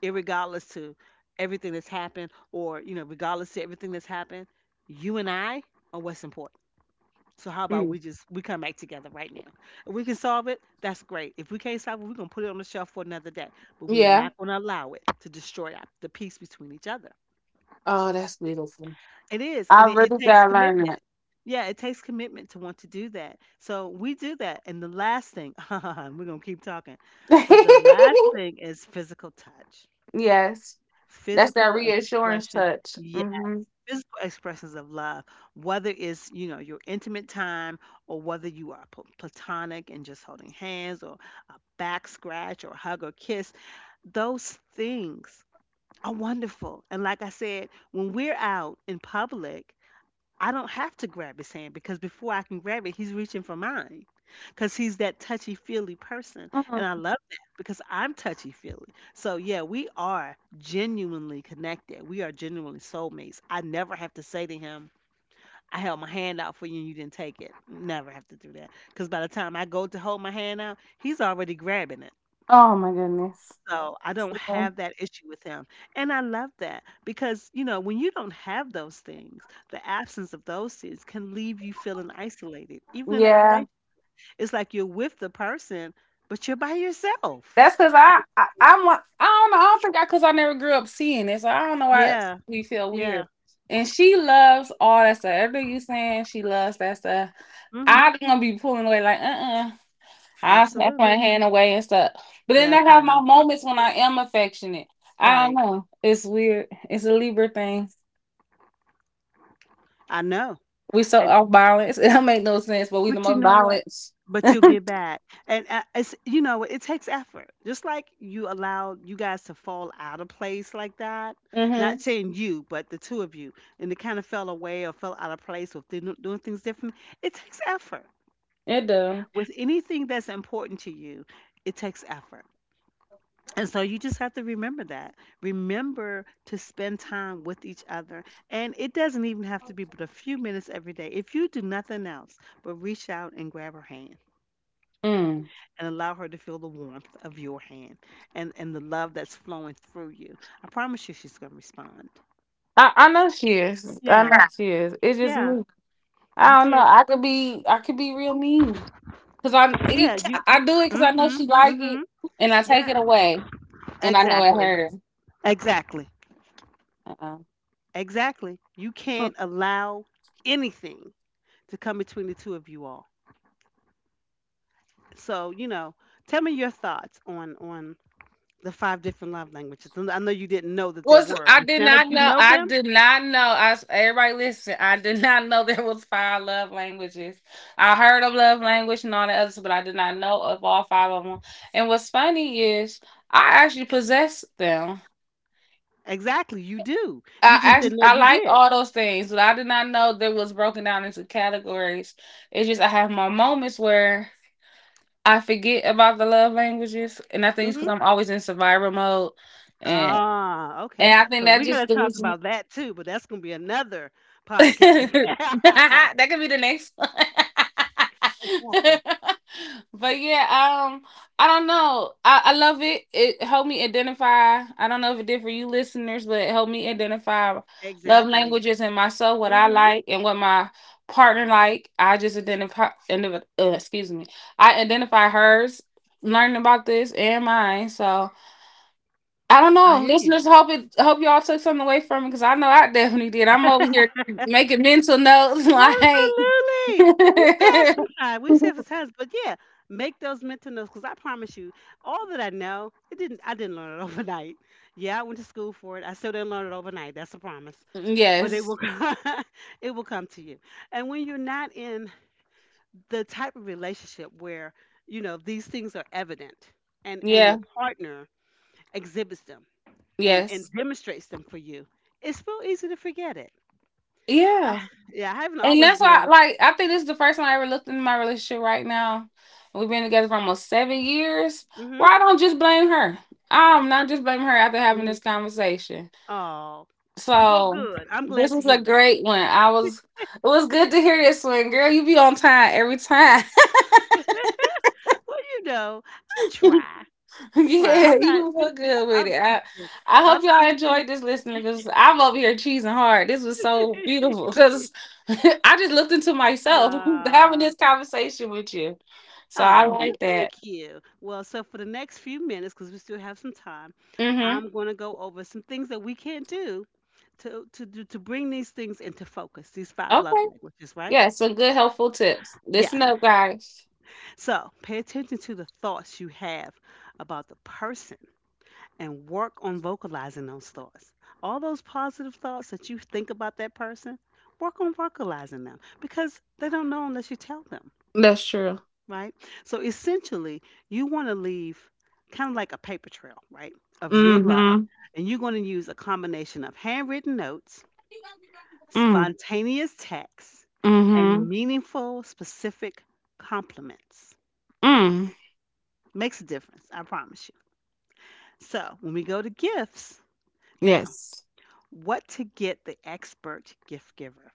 irregardless to everything that's happened, or, you know, regardless to everything that's happened, you and I are what's important. So how about Mm. we just we come back together right now? If we can solve it, that's great. If we can't solve it, we're gonna put it on the shelf for another day. But we are Yeah. not gonna allow it to destroy the peace between each other. Oh, that's beautiful. It is, I and it really takes gotta learn that. commitment. Yeah, it takes commitment to want to do that. So we do that. And the last thing, *laughs* we're going to keep talking, but the last *laughs* thing is physical touch, Yes. That's that physical reassurance expression. touch. Yeah, Mm-hmm. physical expressions of love, whether it's, you know, your intimate time, or whether you are platonic and just holding hands, or a back scratch or hug or kiss, those things are wonderful. And like I said, when we're out in public, I don't have to grab his hand because before I can grab it, he's reaching for mine, because he's that touchy feely person. And I Mm. love that because I'm touchy feely. So, yeah, we are genuinely connected. We are genuinely soulmates. I never have to say to him, "I held my hand out for you and you didn't take it." Never have to do that because by the time I go to hold my hand out, he's already grabbing it. Oh my goodness. So, I don't So, have that issue with him, and I love that because, you know, when you don't have those things, the absence of those things can leave you feeling isolated, even in that yeah. relation. It's like you're with the person, but you're by yourself. That's because I'm like I don't know I don't think I because I never grew up seeing it, so I don't know why Yeah, we feel yeah. weird. And she loves all that stuff. Everything you saying, she loves that stuff. Mhm. I'm gonna be pulling away like. I snap my Absolutely. hand away and stuff. But then Yes, I have my honey. moments when I am affectionate. I don't Right. know. It's weird. It's a Libra thing. I know. We so off balance. *laughs* It don't make no sense, but we the But you most know what? balanced. But you'll get *laughs* back, and it's you know, it takes effort. Just like you allowed — you guys to fall out of place like that. Not hmm saying you, but the two of you, and it kind of fell away or fell out of place or did doing things different. It takes effort It does. with anything that's important to you. It takes effort, and so you just have to remember that. Remember to spend time with each other, and it doesn't even have to be but a few minutes every day. If you do nothing else, but reach out and grab her hand Mm. and allow her to feel the warmth of your hand, and the love that's flowing through you. I promise you she's going to respond. I know she is. I know, Yeah, yeah, she is. It's just yeah. me. You I don't know. can't. I could be real mean because Yeah, you. I do it because I know Mhm, she like it, mhm. and I take it Yeah, away, and I know it exactly. hurt her. Exactly. Uh-uh. Exactly. You can't allow anything to come between the two of you all. So, you know, tell me your thoughts on the five different love languages. And I know you didn't know that there Was were, I but did now that not you know. know I them, did not know. Everybody listen. I did *laughs* not know there was five love languages. I heard of love language and all the others, but I did not know of all five of them. And what's funny is I actually possess them. exactly, you do. I You just actually, didn't know I you like did. all those things, but I did not know they was broken down into categories. It's just I have my moments where I forget about the love languages, and I think it's because I'm always in survival mode, and Ah, okay. and I think So that we got just to the talk about that too, but that's gonna be another *laughs* podcast. *laughs* that could be the next one. Exactly. *laughs* But yeah, um, I don't know. I love it. It helped me identify. I don't know if it did for you listeners, but it helped me identify love Exactly. languages and myself, what I Mhm. like and what my partner like. I just identify. Excuse me. I identify hers. Learning about this and mine, so I don't I know. hear you. Listeners, hope y'all took something away from it because I know I definitely did. I'm over here *laughs* making mental notes *laughs* like Absolutely. Well, we still have some time. We still *laughs* have some time, but yeah, make those mental notes, because I promise you, all that I know, it didn't. I didn't learn it *laughs* overnight. Yeah, I went to school for it. I still didn't learn it overnight. That's a promise. But it Yes. will. *laughs* Come, it will come to you. And when you're not in the type of relationship where you know these things are evident, and your Yeah. partner exhibits them and Yes. demonstrates them for you, it's real easy to forget it. I, Yeah. yeah, I haven't And always that's why been — like I think this is the first time I ever looked into my relationship right now. We've been together for almost 7 years. mm-hmm, Where I don't just blame her. right, I'm not just blaming her after having mm-hmm. this conversation. Oh, well So good, I'm glad this to was a hear that. great one. I was it was good to hear this one, girl. You be on time every time. *laughs* Well, you know, i *laughs* *laughs* try i try Yeah, I'm you not, was you so good know, with i'm it. I i'm, hope y'all I'm enjoyed this listening because I'm over here cheesing hard. This was so *laughs* beautiful still, because *laughs* I just looked into myself *laughs* having this conversation with you. So I Mhm. Oh, well, like that. thank you. Well, so for the next few minutes, because we still have some time, Mm-hmm. I'm going to go over some things that we can do to bring these things into focus, these five love Okay. languages, right? Yeah, some good helpful tips. Yeah. Listen up, guys. So pay attention to the thoughts you have about the person, and work on vocalizing those thoughts. All those positive thoughts that you think about that person, work on vocalizing them because they don't know unless you tell them, That's true. right? So essentially, you want to leave kind of like a paper trail, right, of your love. Mm-hmm. And you're going to use a combination of handwritten notes, Mm. spontaneous texts, and Mm-hmm. meaningful, specific compliments. Mm. Makes a difference, I promise you. So when we go to gifts, now, Yes. what to get the expert gift giver?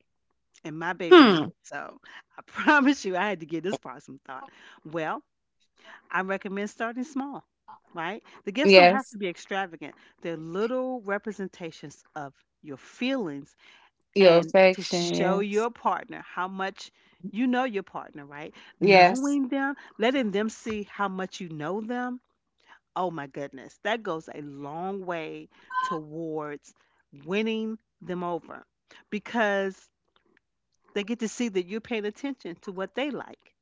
And my Hmm. baby is. So I *laughs* promise you, I had to give this part some thought. Well, I recommend starting small, right? The gifts don't have to Yes. be extravagant. They're little representations of your feelings Your and to show affection. your partner how much you know your partner, right? Yes. Knowing them, letting them see how much you know them. Oh my goodness, that goes a long way towards winning them over, because they get to see that you're paying attention to what they like,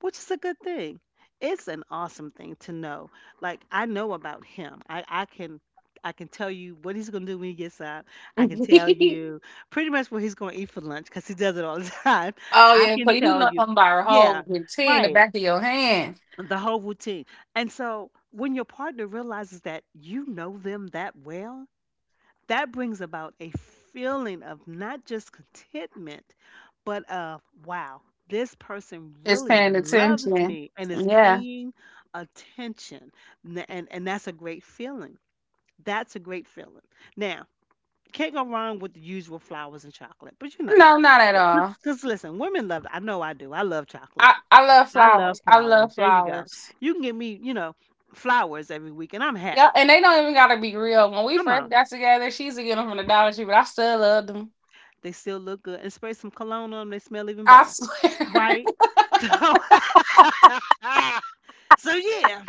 which is a good thing. It's an awesome thing to know. Like I know about him. I can tell you what he's gonna do when he gets up. I can tell Yes. *laughs* you pretty much what he's gonna eat for lunch because he does it all the *laughs* time. Oh I yeah, so can you tell know you, something about her yeah, whole routine, the right, back of your hand the whole routine. And so when your partner realizes that you know them that well, that brings about a feeling of not just contentment, but of wow, this person is really paying loves attention. me and is Yeah. paying attention. And that's a great feeling. That's a great feeling. Now, can't go wrong with the usual flowers and chocolate, but you know, No, not at all. because listen, women love — I know I do. I love chocolate. I love I love flowers. I flowers. love There you go. flowers. You can give me, you know, flowers every week and I'm Yeah, happy. and they don't even gotta be real. When we Come first on. got together, she used to get them from the Dollar Tree, but I still love them. They still look good. And spray some cologne on them, they smell even I better. swear. Right? *laughs* So *laughs* So yeah,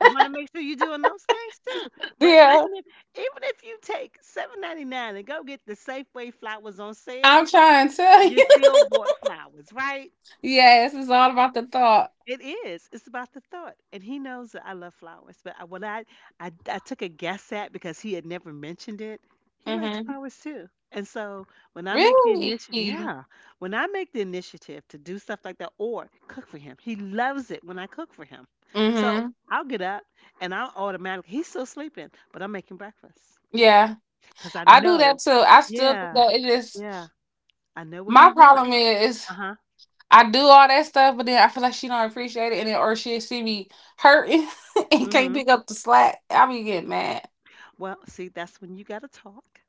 you want to make sure you're doing those things too. *laughs* But yeah, even if you take 7.99 and go get the Safeway flowers on sale, I'm trying to tell you you. still bought flowers, right? *laughs* Yes, it's all about the thought. It is. It's about the thought, and he knows that I love flowers. But when I took a guess at, because he had never mentioned it, he likes Mm-hmm. flowers too. And so when I make the initiative, Really? yeah, when I make the initiative to do stuff like that or cook for him, he loves it when I cook for him. So Mm-hmm. I'll get up and I'll automatically. He's still sleeping, but I'm making breakfast Yeah, because I I do that know. too. I still do Yeah, that. It is yeah, I know what my he wants. problem is. Uh huh. I do all that stuff, but then I feel like she don't appreciate it, and then or she'll see me hurting *laughs* and Mm can't hmm. pick up the slack. I be getting mad. Well, see, that's when you got to talk.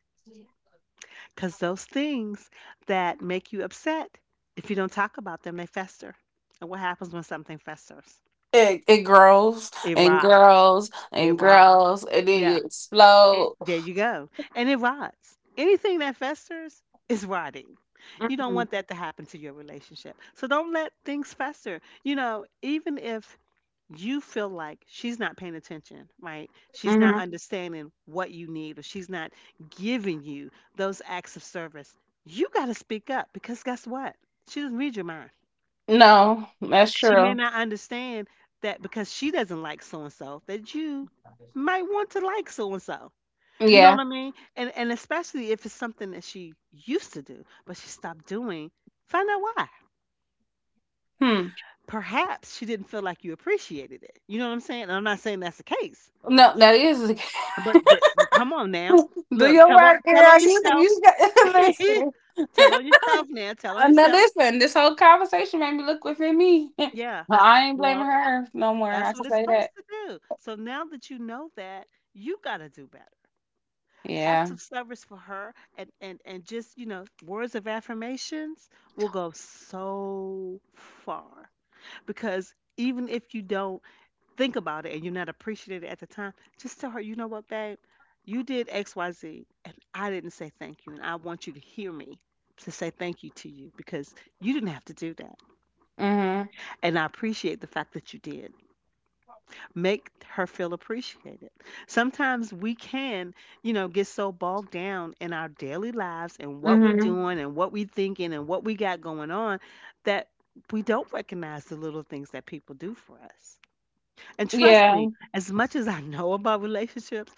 Because those things that make you upset, if you don't talk about them, they fester. And what happens when something festers? It grows It and rots. grows It and rots. grows, and then Yeah. it It, explodes. there you go. And it rots. Anything that festers is rotting. You don't Mm-hmm. want that to happen to your relationship. So don't let things fester. You know, even if you feel like she's not paying attention, right? She's not Hmm. understanding what you need, or she's not giving you those acts of service. You got to speak up because guess what? She doesn't read your mind. No, that's She may true. not understand that because she doesn't like so and so, that you might want to like so and so. You know Yeah. what I mean? And especially if it's something that she used to do, but she stopped doing, find out why. Hmm. Perhaps she didn't feel like you appreciated it. You know what I'm saying? And I'm not saying that's the case, No, that is. but come on now. *laughs* Do Look, your work, tell girl. on You yourself. you got *laughs* *laughs* listen. Tell on yourself now. Tell on Now yourself. listen, this whole conversation made me look within me. Yeah. *laughs* I ain't blaming Well, her no more. I that's can what it's say that. supposed to do. So now that you know that, you gotta do better. Acts Yeah. of service for her and, and just, you know, words of affirmations will go so far. Because even if you don't think about it and you're not appreciative at the time, just tell her, you know what, babe, you did XYZ and I didn't say thank you. And I want you to hear me to say thank you to you because you didn't have to do that. Mm-hmm. And I appreciate the fact that you did. Make her feel appreciated. Sometimes we can, you know, get so bogged down in our daily lives and what we're Hmm. doing and what we're thinking and what we got going on that we don't recognize the little things that people do for us. And trust Yeah. me, as much as I know about relationships,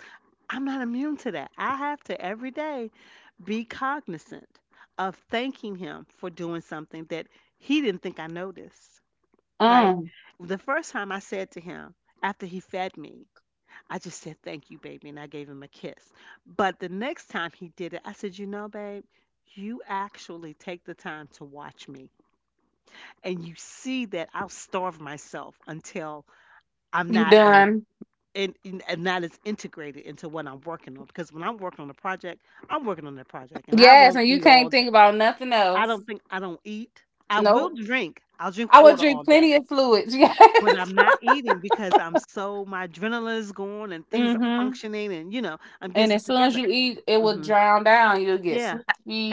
I'm not immune to that. I have to every day be cognizant of thanking him for doing something that he didn't think I noticed, right? Mm. The first time I said to him, after he fed me, I just said, "Thank you, baby." And I gave him a kiss. But the next time he did it, I said, "You know, babe, you actually take the time to watch me. And you see that I'll starve myself until I'm You not as done. and that is integrated into what I'm working on because when I'm working on a project, I'm working on that project and I Yes, and won't you eat can't all think day. about nothing I else. don't think I don't eat. I will Nope. drink. I'll drink I would water all drink day, plenty of fluids. *laughs* but Yes. I'm not eating because I'm so my adrenaline is going and things are Hmm. functioning and you know I'm getting And stuff as soon as together." you eat, it will Hmm. drown down. You'll get Yeah.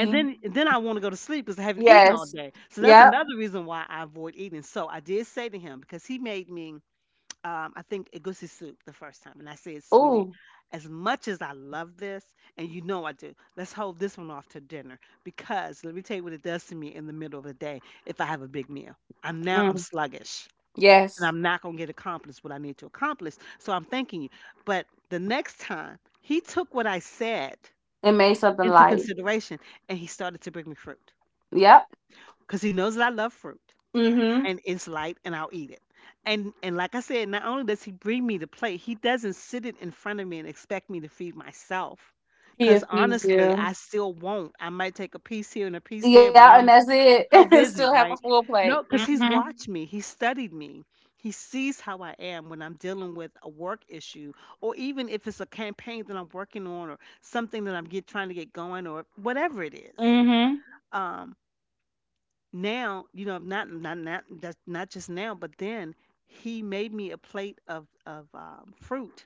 And then, and then I want to go to sleep because I haven't eaten all Yes. day. So that's Yep. another reason why I avoid eating. So I did say to him because he made me I think egusi soup the first time, and I said, "Sweetie, Ooh. as much as I love this, and you know I do, let's hold this one off to dinner because let me tell you what it does to me in the middle of the day if I have a big meal. I'm Mm. sluggish, and Yes. I'm not gonna get accomplished what I need to accomplish. So I'm thanking you." But the next time he took what I said It made something into light. consideration, and he started to bring me fruit Yep. because he knows that I love fruit Mm-hmm. and it's light and I'll eat it. And like I said, not only does he bring me the plate, he doesn't sit it in front of me and expect me to feed myself. He Cause if he honestly, do. I still won't. I might take a piece here and a piece there, but Yeah, and I'm that's it. so *laughs* And busy, still have a right? full plate. No, because he's Mm-hmm. watched me. He studied me. He sees how I am when I'm dealing with a work issue, or even if it's a campaign that I'm working on, or something that I'm trying to get going, or whatever it is. Mm-hmm. Um, Now, you know, not just now, but then he made me a plate of fruit,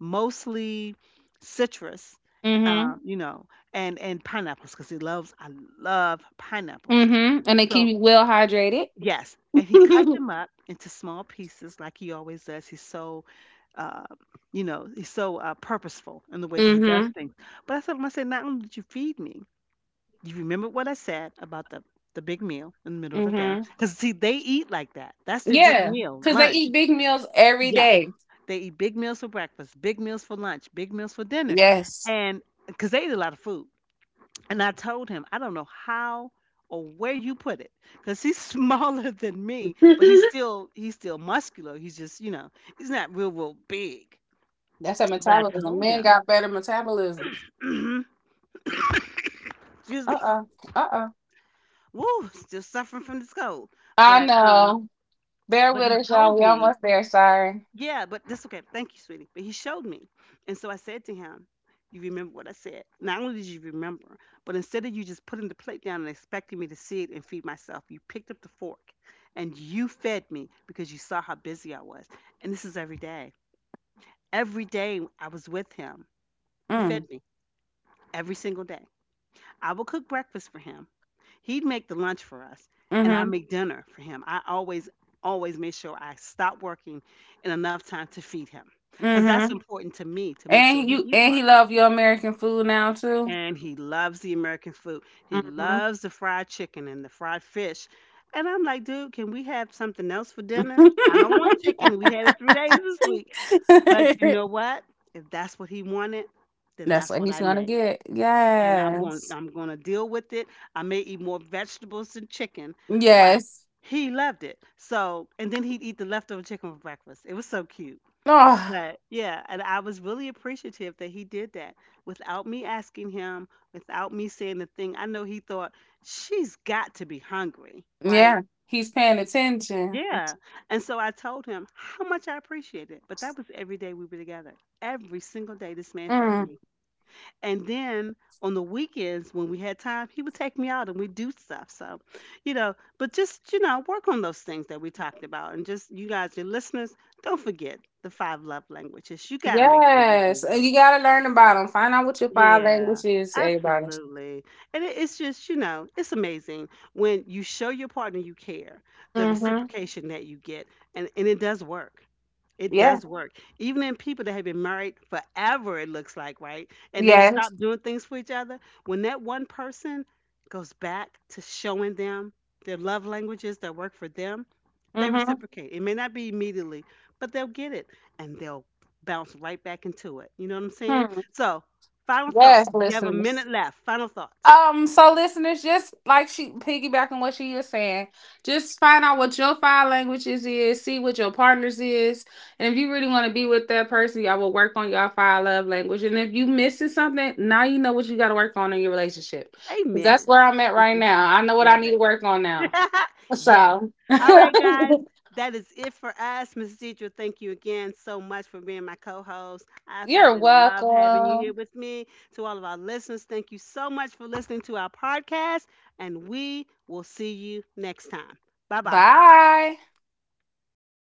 mostly citrus, Mm-hmm. You know, and pineapples because he loves I love pineapples. Mm-hmm. And they keep So you well hydrated. yes, and he cut *laughs* them up into small pieces like he always does. He's uh, you know, he's so purposeful in the way that he does Mm-hmm. things. But I said, "Well, I said, not only did you feed me, you remember what I said about the big meal in the middle of the day?" Mm-hmm. Because see, they eat like that. That's their big Yeah. meal, Cause they lunch. eat big meals every Yes, day. they eat big meals for breakfast, big meals for lunch, big meals for dinner, Yes. and because they eat a lot of food. And I told him, I don't know how or where you put it, because he's *laughs* smaller than me, but *laughs* he's still muscular. He's just, you know, he's not real big. That's a But I metabolism. told Men him, got better metabolism. *clears throat* excuse me, Uh-uh. Uh-uh. woo, still suffering from this cold, I but um. know. Bear but with he us, y'all. told We me, almost there, sorry. "Yeah, but that's okay. Thank you, sweetie." But he showed me. And so I said to him, "You remember what I said? Not only did you remember, but instead of you just putting the plate down and expecting me to see it and feed myself, you picked up the fork and you fed me because you saw how busy I was." And this is every day. Every day I was with him, he fed Mm. me every single day. I will cook breakfast for him. He'd make the lunch for us, and I Mm-hmm. make dinner for him. I always, always make sure I stop working in enough time to feed him because that's Mm-hmm. important to me to make sure And he you eats and he properly. love your American food now too. And he loves the American food. He Mm-hmm. loves the fried chicken and the fried fish. And I'm like, "Dude, can we have something else for dinner? I don't want *laughs* chicken. We had it 3 days this week." But you know what? If that's what he wanted, then That's that's what what he's I gonna made get. and Yes. I'm going to deal with it. I may eat more vegetables than chicken, but Yes. he loved it. So, and then he'd eat the leftover chicken for breakfast. It was so cute. Oh, But yeah, and I was really appreciative that he did that without me asking him, without me saying the thing. I know he thought, "She's got to be hungry," right? yeah. He's paying attention. Yeah. And so I told him how much I appreciated it. But that was every day we were together. Every single day this man fed Mm. me. And then on the weekends when we had time, he would take me out and we'd do stuff. So, you know, but just, you know, work on those things that we talked about. And just you guys, your listeners, don't forget the 5 love languages. You got to make sure you do Yes, and those. you gotta learn about them. Find out what your five Yeah. language is, everybody. Absolutely. And it's just, you know, it's amazing when you show your partner you care, the Mm-hmm. reciprocation that you get, and it does work. It Yeah. does work. Even in people that have been married forever, it looks like, right? And they've Yes. stopped doing things for each other. When that one person goes back to showing them their love languages that work for them, they Mm-hmm. reciprocate. It may not be immediately, but they'll get it and they'll bounce right back into it. You know what I'm saying? Hmm. So, final thoughts. Yes, We have a listeners. minute left. Final thoughts. So, listeners, just like she piggybacking what she is saying, just find out what your five languages is. See what your partners is, and if you really want to be with that person, y'all will work on your five love language. And if you missing something, now you know what you got to work on in your relationship. 'Cause that's Amen. where I'm at right *laughs* now. I know what I Love need to it. work on now. *laughs* Yes. So. All right, guys. *laughs* That is it for us. Mrs. Deidre, thank you again so much for being my co host. I You're absolutely love having you welcome. here with me. To all of our listeners, thank you so much for listening to our podcast, and we will see you next time. Bye bye. Bye.